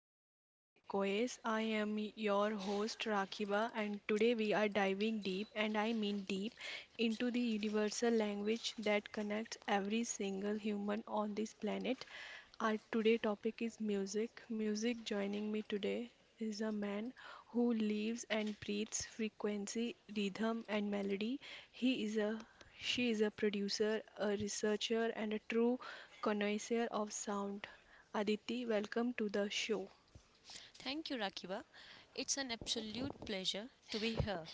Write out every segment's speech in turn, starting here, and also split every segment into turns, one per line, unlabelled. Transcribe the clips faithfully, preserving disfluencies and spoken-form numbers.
of Sonic Echoes. I am your host Rakiba, and today we are diving deep, and I mean deep, into the universal language that connects every single human on this planet. Our today topic is music. Music joining me today is a man who lives and breathes frequency, rhythm, and melody. He is a She is a producer, a researcher, and a true connoisseur of sound. Aditi, welcome to the show.
Thank you, Rakiba. It's an absolute pleasure to be here.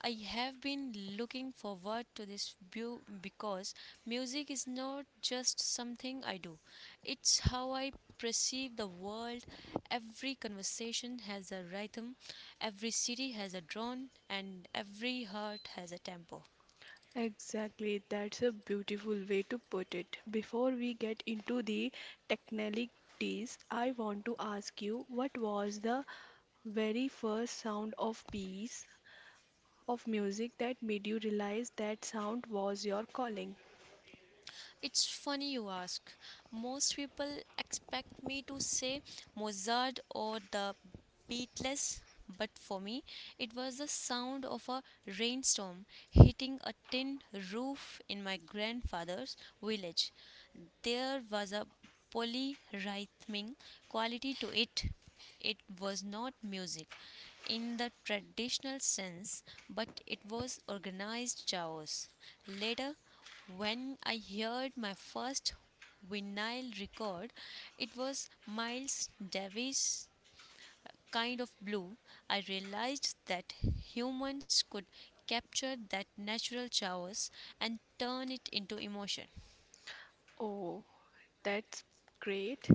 I have been looking forward to this view because music is not just something I do. It's how I perceive the world. Every conversation has a rhythm, every city has a drone, and every heart has a tempo.
Exactly, that's a beautiful way to put it. Before we get into the technicalities, I want to ask you, what was the very first sound of piece of music that made you realize that sound was your calling?
It's funny you ask. Most people expect me to say Mozart or the Beatles, but for me, it was the sound of a rainstorm hitting a tin roof in my grandfather's village. There was a polyrhythmic quality to it. It was not music in the traditional sense, but it was organized chaos. Later, when I heard my first vinyl record, it was Miles Davis' kind of blue. I realized that humans could capture that natural chaos and turn it into emotion.
Oh, that's great.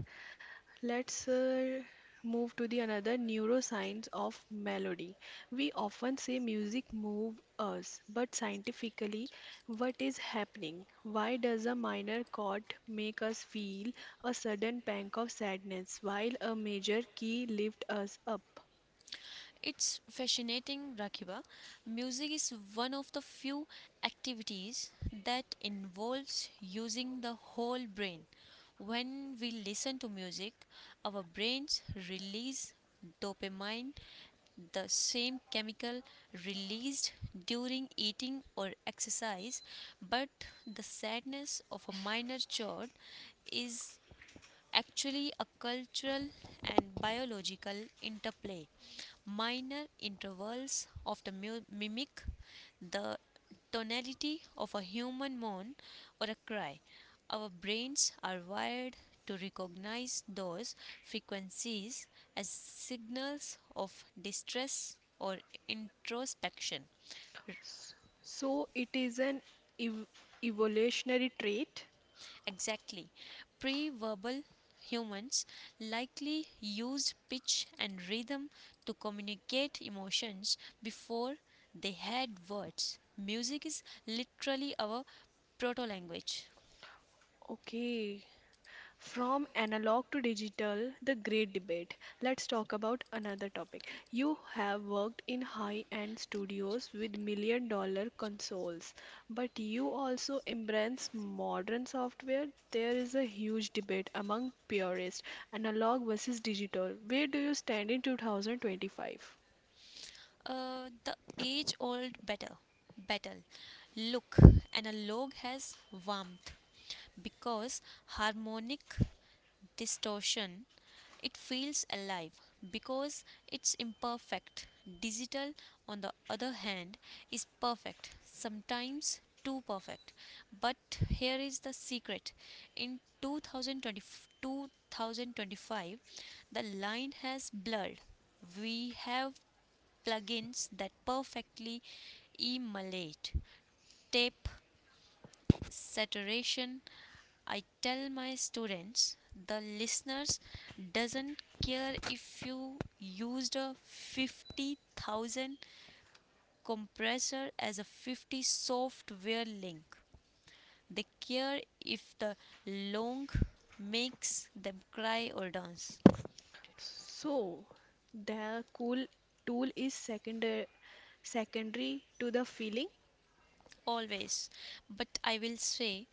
Let's uh, move to the another neuroscience of melody. We often say music move us, but scientifically, what is happening? Why does a minor chord make us feel a sudden pang of sadness while a major key lifts us up?
It's fascinating, Rakiba. Music is one of the few activities that involves using the whole brain. When we listen to music, our brains release dopamine, the same chemical released during eating or exercise, but the sadness of a minor chord is actually a cultural and biological interplay. Minor intervals often mu- mimic the tonality of a human moan or a cry. Our brains are wired to recognize those frequencies as signals of distress or introspection.
S- So it is an ev- evolutionary trait.
Exactly. Pre verbal humans likely used pitch and rhythm to communicate emotions before they had words. Music is literally our proto language.
Okay. From analog to digital, the great debate. Let's talk about another topic. You have worked in high end studios with million dollar consoles, but you also embrace modern software. There is a huge debate among purists, analog versus digital. Where do you stand in two thousand twenty-five?
Uh, the age old battle. Battle. Look, analog has warmth because harmonic distortion. It feels alive because it's imperfect. Digital, on the other hand, is perfect, sometimes too perfect. But here is the secret, in two thousand twenty, twenty twenty-five, the line has blurred. We have plugins that perfectly emulate tape saturation. I tell my students the listeners doesn't care if you used a fifty thousand compressor as a fifty software link. They care if the long makes them cry or dance,
So, the cool tool is secondary secondary to the feeling.
always, but I will say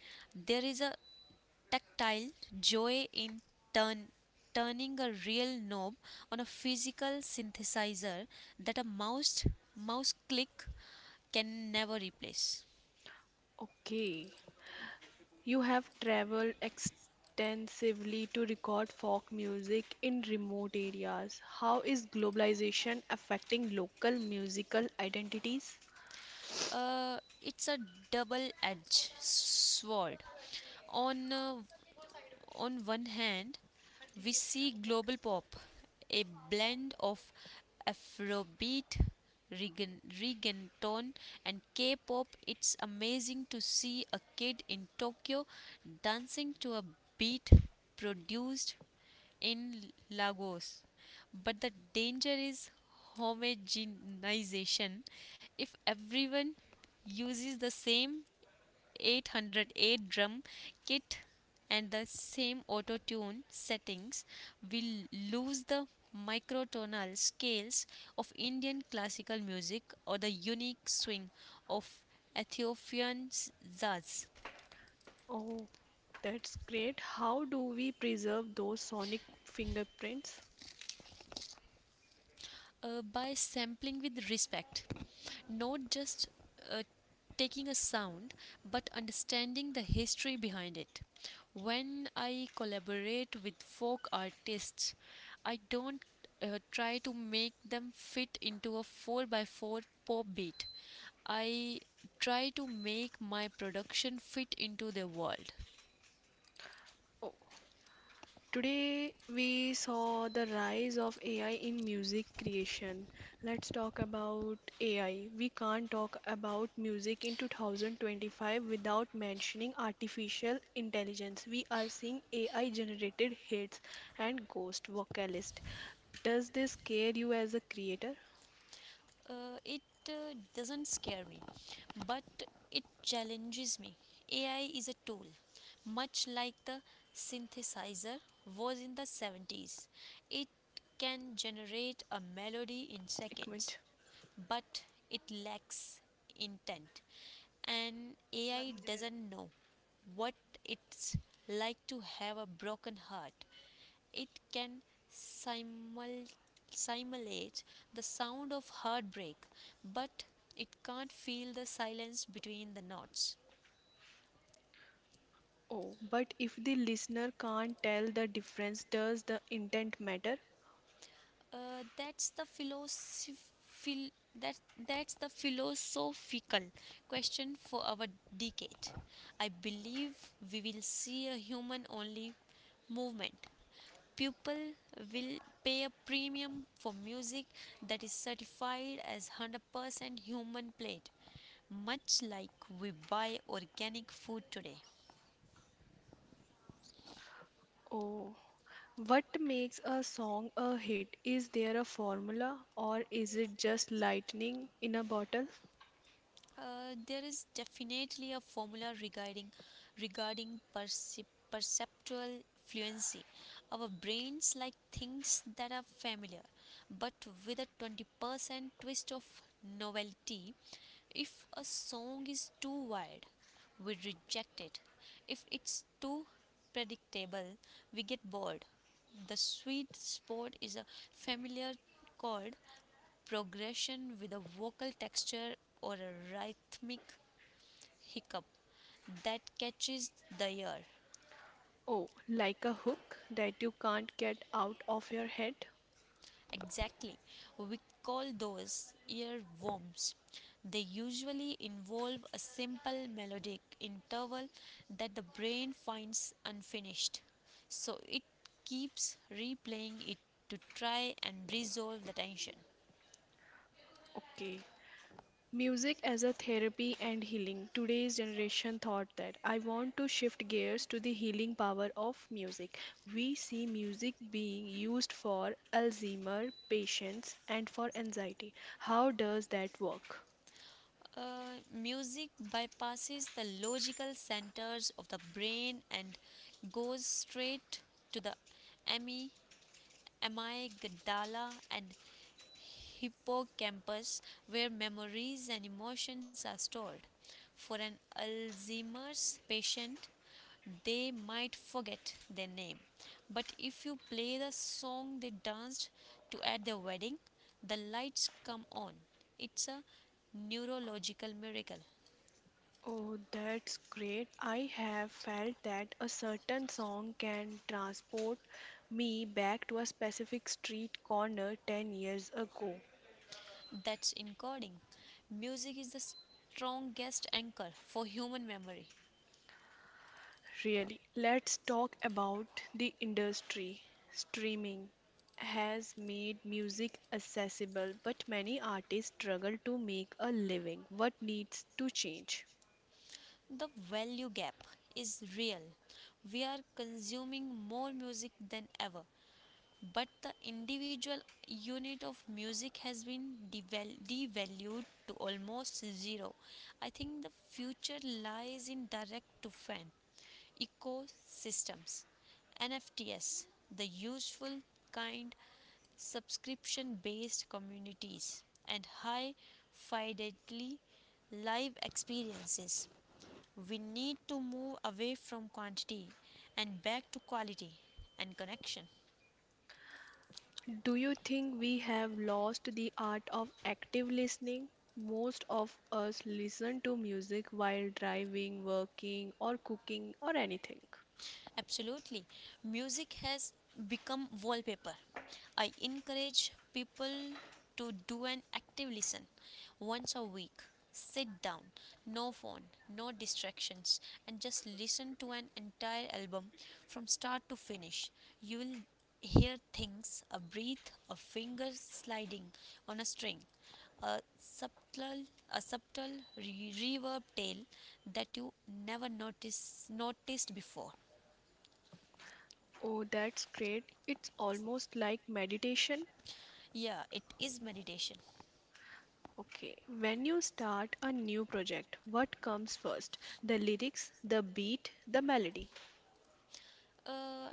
there is a tactile joy in turn, turning a real knob on a physical synthesizer that a mouse mouse click can never replace.
Okay. You have traveled extensively to record folk music in remote areas. How is globalization affecting local musical identities?
Uh, it's a double-edged sword. On uh, on one hand, we see global pop, a blend of Afrobeat, regga- reggaeton, and K pop. It's amazing to see a kid in Tokyo dancing to a beat produced in Lagos. But the danger is homogenization. If everyone uses the same eight hundred eight drum kit and the same auto tune settings, will lose the microtonal scales of Indian classical music or the unique swing of Ethiopian jazz.
Oh, that's great. How do we preserve those sonic fingerprints?
Uh, by sampling with respect, not just uh, taking a sound but understanding the history behind it. When I collaborate with folk artists, I don't uh, try to make them fit into a four by four pop beat. I try to make my production fit into their world.
Today, we saw the rise of A I in music creation. Let's talk about A I. We can't talk about music in two thousand twenty-five without mentioning artificial intelligence. We are seeing A I generated hits and ghost vocalist. Does this scare you as a creator?
uh, it uh, doesn't scare me, but it challenges me. A I is a tool, much like the synthesizer was in the seventies. It can generate a melody in
एक minute.
seconds, but it lacks intent. And A I doesn't know what it's like to have a broken heart. It can simul- simulate the sound of heartbreak, but it can't feel the silence between the knots.
Oh, but if the listener can't tell the difference, does the intent matter?
Uh, that's the philosophical. That, that's the philosophical question for our decade. I believe we will see a human only movement. Pupil will pay a premium for music that is certified as one hundred percent human played, much like we buy organic food today.
Oh, what makes a song a hit? Is there a formula, or is it just lightning in a bottle?
Uh, there is definitely a formula regarding regarding percep- perceptual fluency. Our brains like things that are familiar, but with a twenty percent twist of novelty. If a song is too wild, we reject it. If it's too predictable, we get bored. The sweet spot is a familiar chord progression with a vocal texture or a rhythmic hiccup that catches the ear.
Oh, like a hook that you can't get out of your head?
Exactly. We call those earworms. They usually involve a simple melodic interval that the brain finds unfinished. So it keeps replaying it to try and resolve the tension.
Okay. Music as a therapy and healing. Today's generation thought that. I want to shift gears to the healing power of music. We see music being used for Alzheimer patients and for anxiety. How does that work?
uh, music bypasses the logical centers of the brain and goes straight to the amy. Amai, Gdala, and hippocampus where memories and emotions are stored. For an Alzheimer's patient, they might forget their name, but if you play the song they danced to at their wedding, the lights come on. It's a neurological miracle.
Oh, that's great. I have felt that a certain song can transport me back to a specific street corner ten years ago.
That's encoding. Music is the strongest anchor for human memory.
Really, let's talk about the industry. Streaming has made music accessible, but many artists struggle to make a living. What needs to change?
The value gap is real. We are consuming more music than ever, but the individual unit of music has been deval- devalued to almost zero. I think the future lies in direct to fan ecosystems, N F Ts, the useful kind, subscription based communities and high fidelity live experiences. We need to move away from quantity and back to quality and connection.
Do you think we have lost the art of active listening? Most of us listen to music while driving, working, or cooking, or anything.
Absolutely. Music has become wallpaper. I encourage people to do an active listen once a week. Sit down, no phone, no distractions, and just listen to an entire album from start to finish. You will hear things: a breath, a finger sliding on a string, a subtle a subtle re- reverb tail that you never notice noticed before.
Oh, that's great. It's almost like meditation.
Yeah, it is meditation.
Okay, when you start a new project, what comes first? The lyrics, the beat, the melody.
Uh,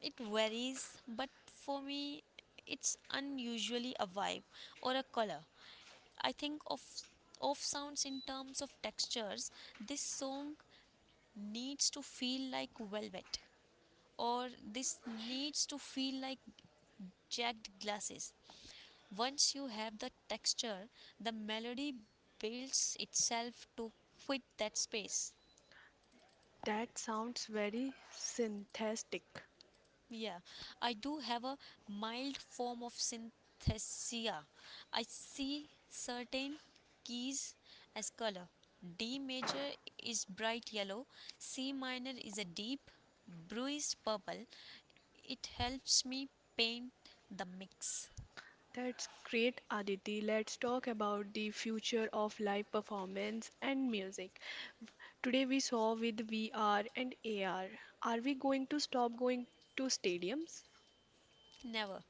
it varies, but for me, it's unusually a vibe or a color. I think of of sounds in terms of textures. This song needs to feel like velvet, or this needs to feel like jagged glasses. Once you have the texture, the melody builds itself to fit that space.
That sounds very synthetic.
Yeah, I do have a mild form of synesthesia. I see certain keys as color. D major is bright yellow, C minor is a deep bruised purple. It helps me paint the mix.
That's great, Aditi. Let's talk about the future of live performance and music. Today we saw with V R and A R. Are we going to stop going to stadiums?
Never.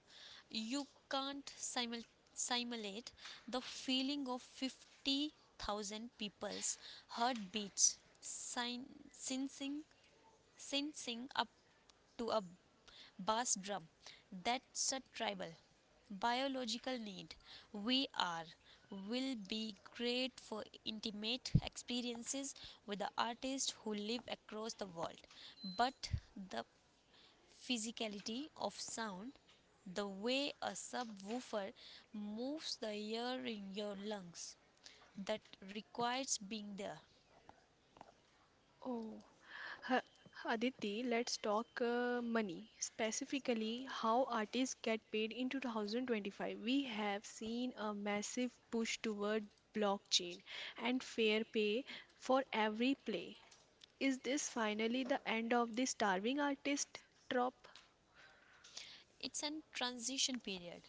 You can't simul- simulate the feeling of fifty thousand people's heartbeats sin- sensing, sensing up to a bass drum. That's a tribal biological need. We are will be great for intimate experiences with the artists who live across the world. But the physicality of sound, the way a subwoofer moves the air in your lungs, that requires being there.
Oh. Ha- Aditi, let's talk uh, money. Specifically, how artists get paid in two thousand twenty-five. We have seen a massive push toward blockchain and fair pay for every play. Is this finally the end of the starving artist trope?
It's a transition period.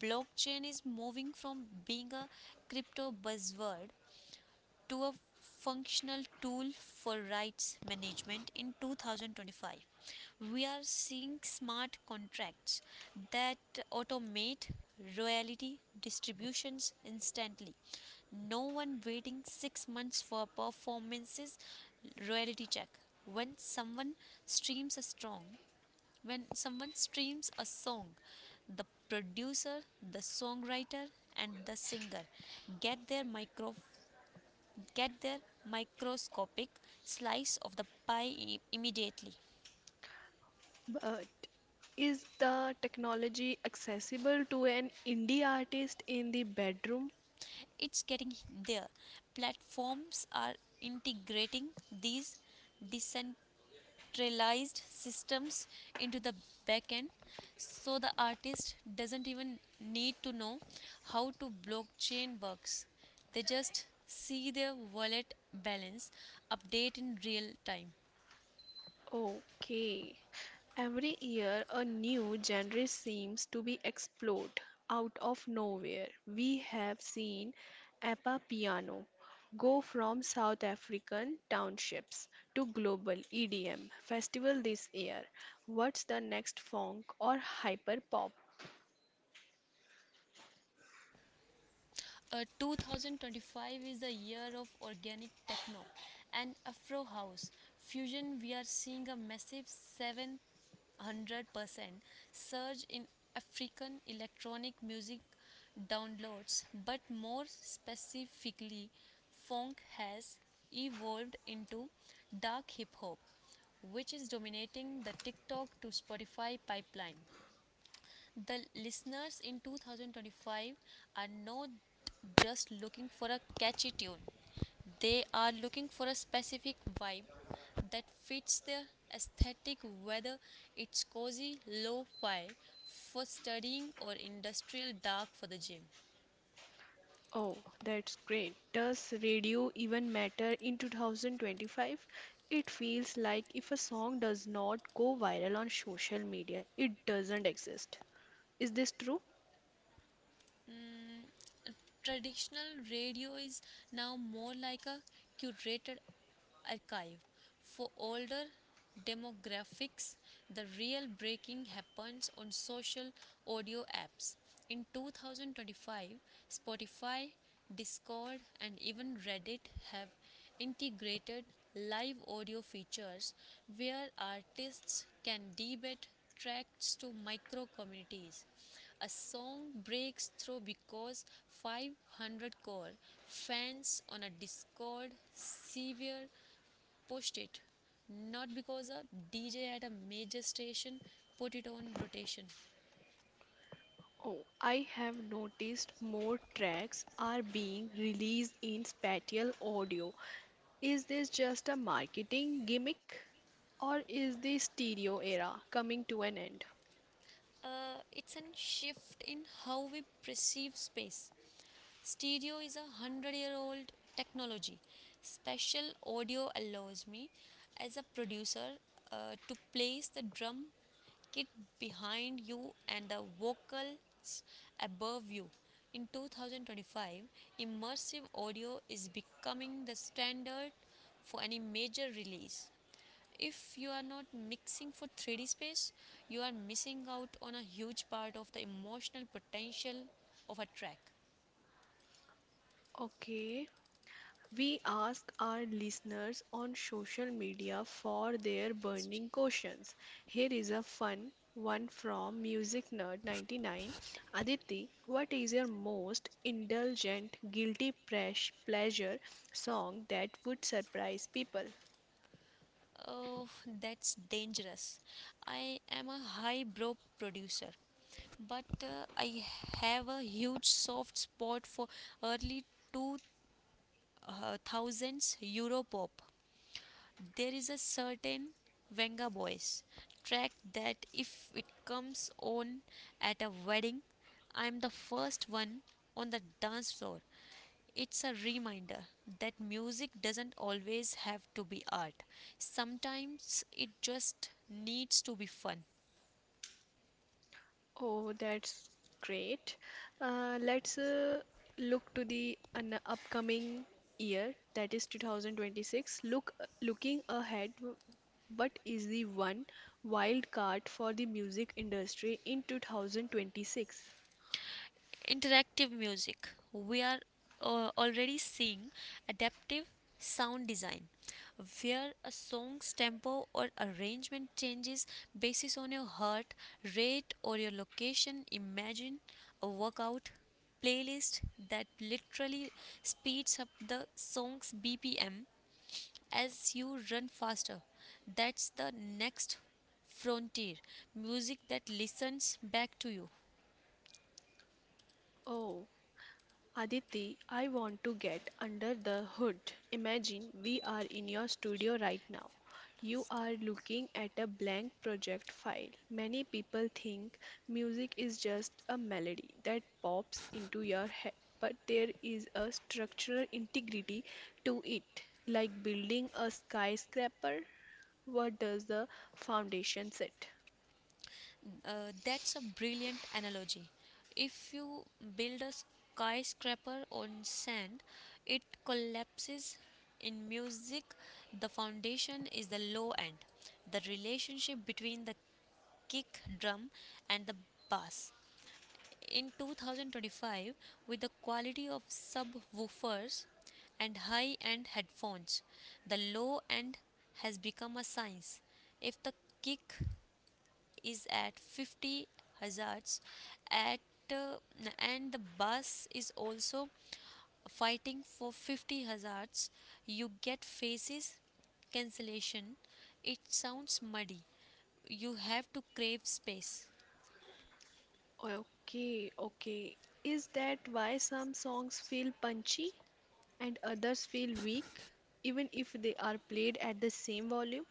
Blockchain is moving from being a crypto buzzword to a functional tool for rights management in two thousand twenty-five. We are seeing smart contracts that automate royalty distributions instantly. No one waiting six months for performance's royalty check. When someone streams a song, when someone streams a song, the producer, the songwriter, and the singer get their micro get their microscopic slice of the pie i- immediately.
But is the technology accessible to an indie artist in the bedroom?
It's getting there. Platforms are integrating these decent industrialized systems into the backend so the artist doesn't even need to know how to blockchain works. They just see their wallet balance update in real time.
Okay. Every year, a new genre seems to be explored out of nowhere. We have seen Appa Piano go from South African townships to global E D M festival this year. What's the next funk or hyper pop?
Uh, twenty twenty-five is the year of organic techno and Afro house fusion. We are seeing a massive seven hundred percent surge in African electronic music downloads, but more specifically, funk has evolved into dark hip hop, which is dominating the TikTok to Spotify pipeline. The listeners in two thousand twenty-five are not just looking for a catchy tune, they are looking for a specific vibe that fits their aesthetic, whether it's cozy lo fi for studying or industrial dark for the gym.
Oh, that's great. Does radio even matter in twenty twenty-five? It feels like if a song does not go viral on social media, it doesn't exist. Is this true?
Traditional radio is now more like a curated archive. For older demographics, the real breaking happens on social audio apps. In twenty twenty-five, Spotify, Discord, and even Reddit have integrated live audio features where artists can debate tracks to micro communities. A song breaks through because five hundred core fans on a Discord server pushed it, not because a D J at a major station put it on rotation.
Oh, I have noticed more tracks are being released in spatial audio. Is this just a marketing gimmick? Or is the stereo era coming to an end?
Uh, it's a shift in how we perceive space. Stereo is a hundred year old technology. Spatial audio allows me, as a producer, uh, to place the drum kit behind you and the vocals above you. In two thousand twenty-five, immersive audio is becoming the standard for any major release. If you are not mixing for three D space, you are missing out on a huge part of the emotional potential of a track.
Okay. We ask our listeners on social media for their
That's.
burning questions. Here is a fun one from Music Nerd ninety-nine. Aditi, what is your most indulgent guilty pres- pleasure song that would surprise people?
Oh, that's dangerous. I am a highbrow producer, but uh, I have a huge soft spot for early two thousands Euro pop. There is a certain Venga Boys track that if it comes on at a wedding, I'm the first one on the dance floor. It's a reminder that music doesn't always have to be art. Sometimes it just needs to be fun.
Oh, that's great. Uh, let's uh, look to the an upcoming year, that is two thousand twenty-six. Look, looking ahead, w- what is the one wild card for the music industry in two thousand twenty-six?
Interactive music. We are uh, already seeing adaptive sound design where a song's tempo or arrangement changes based on your heart rate or your location. Imagine a workout playlist that literally speeds up the song's B P M as you run faster. That's the next frontier, music that listens back to you.
Oh. Aditi, I want to get under the hood. Imagine we are in your studio right now. You are looking at a blank project file. Many people think music is just a melody that pops into your head, but there is a structural integrity to it, like building a skyscraper. What does the foundation set?
Uh, that's a brilliant analogy. If you build a skyscraper on sand, it collapses. In music, the foundation is the low end, the relationship between the kick drum and the bass. In two thousand twenty-five, with the quality of subwoofers and high end headphones, the low end has become a science. If the kick is at fifty hazards at uh, and the bass is also fighting for fifty hazards, you get faces cancellation. It sounds muddy. You have to crave space.
Okay, okay. Is that why some songs feel punchy, and others feel weak, even if they are played at the same volume?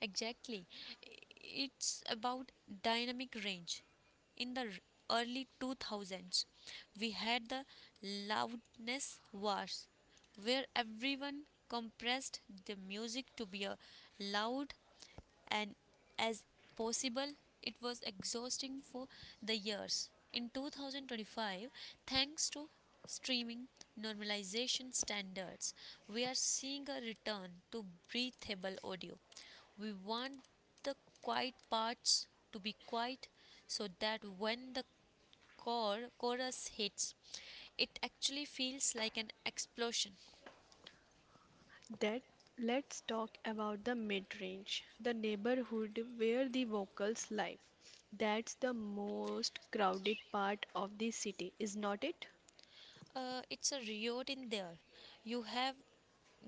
Exactly. I- It's about dynamic range. In the r- early two thousands, we had the loudness wars where everyone compressed the music to be a loud and as possible. It was exhausting for the years. In twenty twenty-five, thanks to streaming normalization standards, we are seeing a return to breathable audio. We want the quiet parts to be quiet so that when the chor- chorus hits, it actually feels like an explosion.
That let's talk about the mid range, the neighborhood where the vocals live. That's the most crowded part of the city, is not it?
Uh, it's a riot in there. You have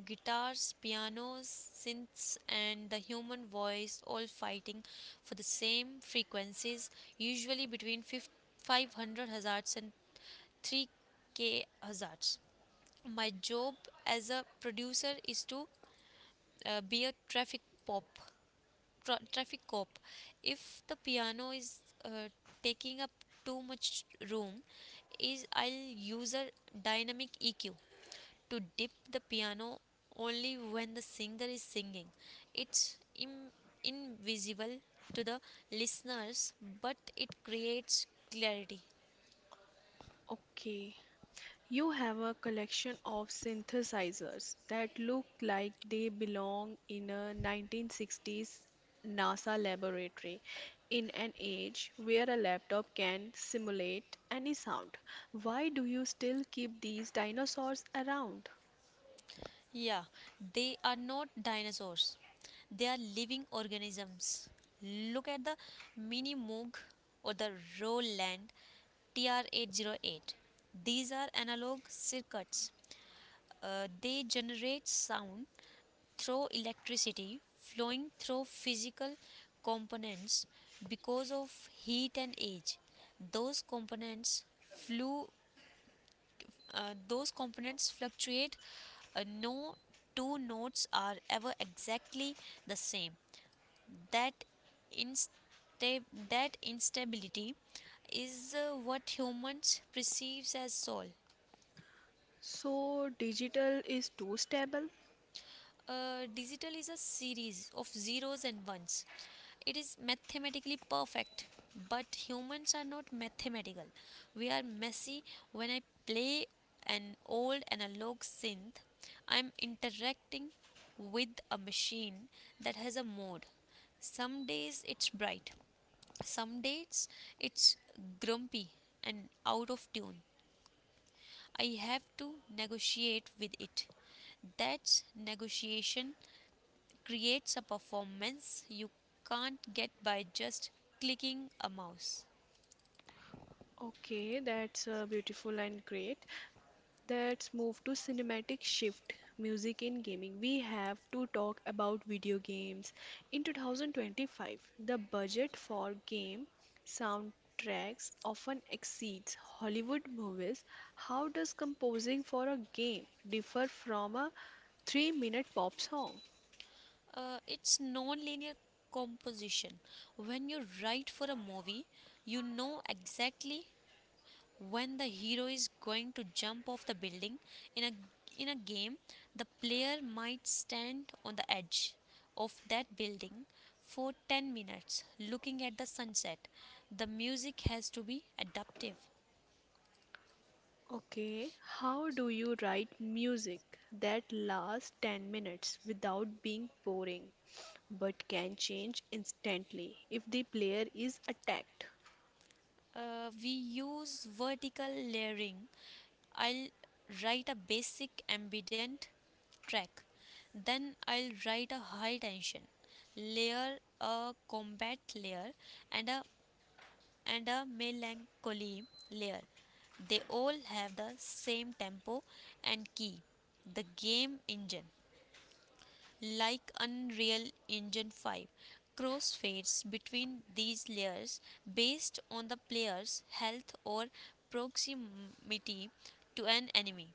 guitars, pianos, synths, and the human voice all fighting for the same frequencies, usually between 5- 500 Hz and three K Hz. My job as a producer is to uh, be a traffic pop, tra- traffic cop. If the piano is uh, taking up too much room, is I'll use a dynamic E Q to dip the piano only when the singer is singing. It's Im- invisible to the listeners, but it creates clarity.
Okay. You have a collection of synthesizers that look like they belong in a nineteen sixties NASA laboratory, in an age where a laptop can simulate any sound. Why do you still keep these dinosaurs around?
Yeah, they are not dinosaurs, they are living organisms. Look at the Mini Moog or the Roland T R eight oh eight. These are analog circuits. Uh, they generate sound through electricity flowing through physical components because of heat and age those components flew uh, those components fluctuate uh, no two notes are ever exactly the same that insta- that instability is uh, what humans perceives as soul.
So, digital is too stable?
Uh, digital is a series of zeros and ones. It is mathematically perfect, but humans are not mathematical. We are messy. When I play an old analog synth, I'm interacting with a machine that has a mode. Some days it's bright, some days it's grumpy and out of tune. I have to negotiate with it. That's negotiation creates a performance you can't get by just clicking a mouse.
Okay, that's uh, beautiful and great. Let's move to cinematic shift music in gaming. We have to talk about video games. In two thousand twenty-five, the budget for game soundtracks often exceeds Hollywood movies. How does composing for a game differ from a three-minute pop song?
Uh, it's non-linear composition. When you write for a movie, you know exactly when the hero is going to jump off the building. In a in a game, the player might stand on the edge of that building for ten minutes looking at the sunset. The music has to be adaptive.
Okay, how do you write music that lasts ten minutes without being boring, but can change instantly if the player is attacked?
uh, we use vertical layering. I'll write a basic ambient track, then I'll write a high tension layer, a combat layer, and a and a melancholy layer. They all have the same tempo and key, the game engine. Like Unreal Engine five, crossfades between these layers based on the player's health or proximity to an enemy.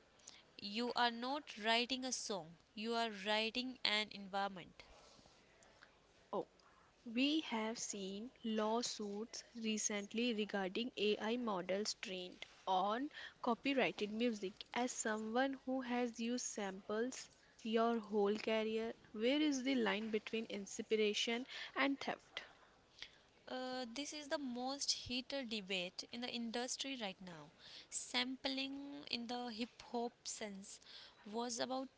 You are not writing a song, you are writing an environment.
Oh, we have seen lawsuits recently regarding A I models trained on copyrighted music. As someone who has used samples your whole career, where is the line between inspiration and theft?
Uh, this is the most heated debate in the industry right now. Sampling in the hip hop sense was about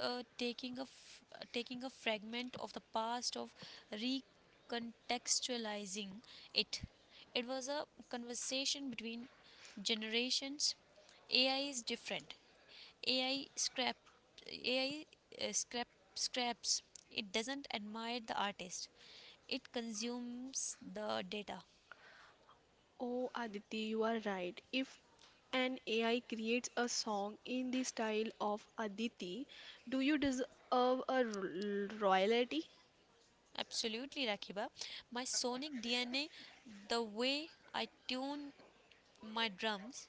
uh, taking a f- uh, taking a fragment of the past of recontextualizing it. It was a conversation between generations. A I is different. AI scrap AI uh, scrap scraps. It doesn't admire the artist. It consumes the data.
Oh, Aditi, you are right. If an A I creates a song in the style of Aditi, do you deserve a ro- royalty?
Absolutely, Rakiba. My sonic D N A, the way I tune my drums,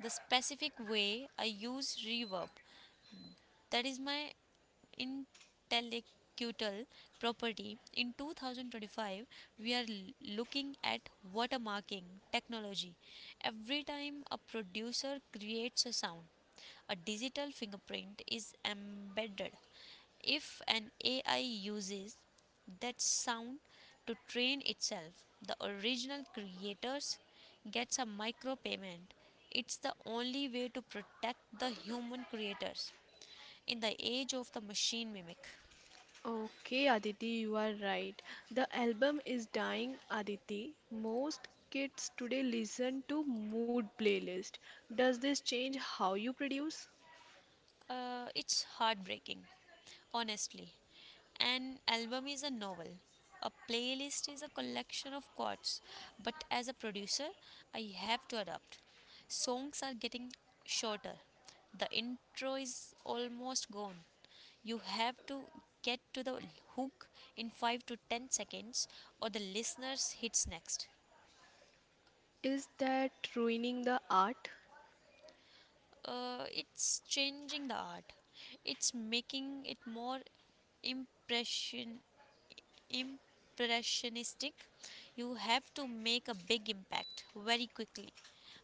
the specific way I use reverb, that is my intellectual property. In twenty twenty-five, we are l- looking at watermarking technology. Every time a producer creates a sound, a digital fingerprint is embedded. If an A I uses that sound to train itself, the original creators gets a micropayment. It's the only way to protect the human creators in the age of the machine mimic.
Okay, Aditi, you are right. The album is dying, Aditi. Most kids today listen to mood playlist. Does this change how you produce?
Uh, it's heartbreaking, honestly. An album is a novel, a playlist is a collection of chords, but as a producer, I have to adapt. Songs are getting shorter, the intro is almost gone. You have to get to the hook in five to ten seconds, or the listeners hits next.
Is that ruining the art?
Uh, it's changing the art, it's making it more impression impressionistic. You have to make a big impact very quickly.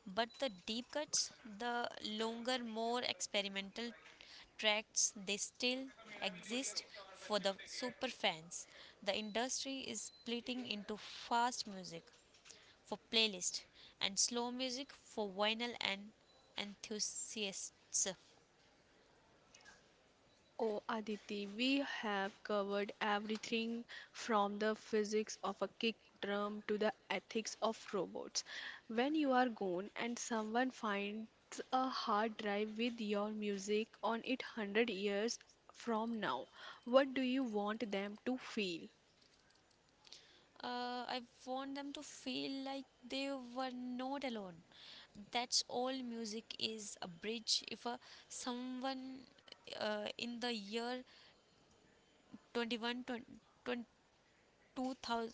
But the deep cuts, the longer, more experimental tracts, they still exist for the super fans. The industry is splitting into fast music for playlists and slow music for vinyl and enthusiasts.
Oh, Aditi, we have covered everything from the physics of a kick drum to the ethics of robots. When you are gone and someone finds a hard drive with your music on it one hundred years from now, what do you want them to feel?
Uh, I want them to feel like they were not alone. That's all music is a bridge. If a Someone uh, in the year 21, 20, 2000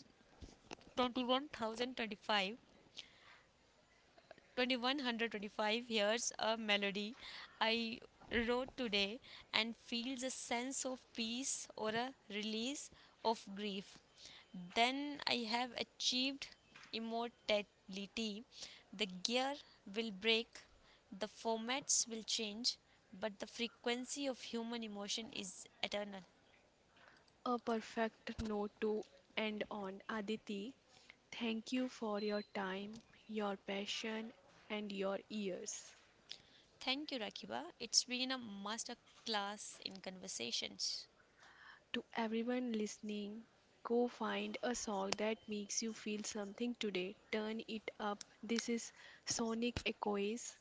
twenty one twenty-five here's a melody I wrote today and feels a sense of peace or a release of grief. Then I have achieved immortality. The gear will break, the formats will change, but the frequency of human emotion is eternal.
A perfect note to end on, Aditi. Thank you for your time, your passion, and your ears.
Thank you, Rakiba. It's been a master class in conversations.
To everyone listening, go find a song that makes you feel something today. Turn it up. This is Sonic Echoes.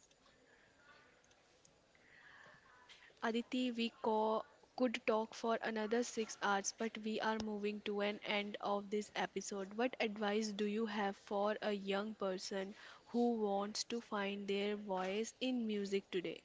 Aditi, we co- could talk for another six hours, but we are moving to an end of this episode. What advice do you have for a young person who wants to find their voice in music today?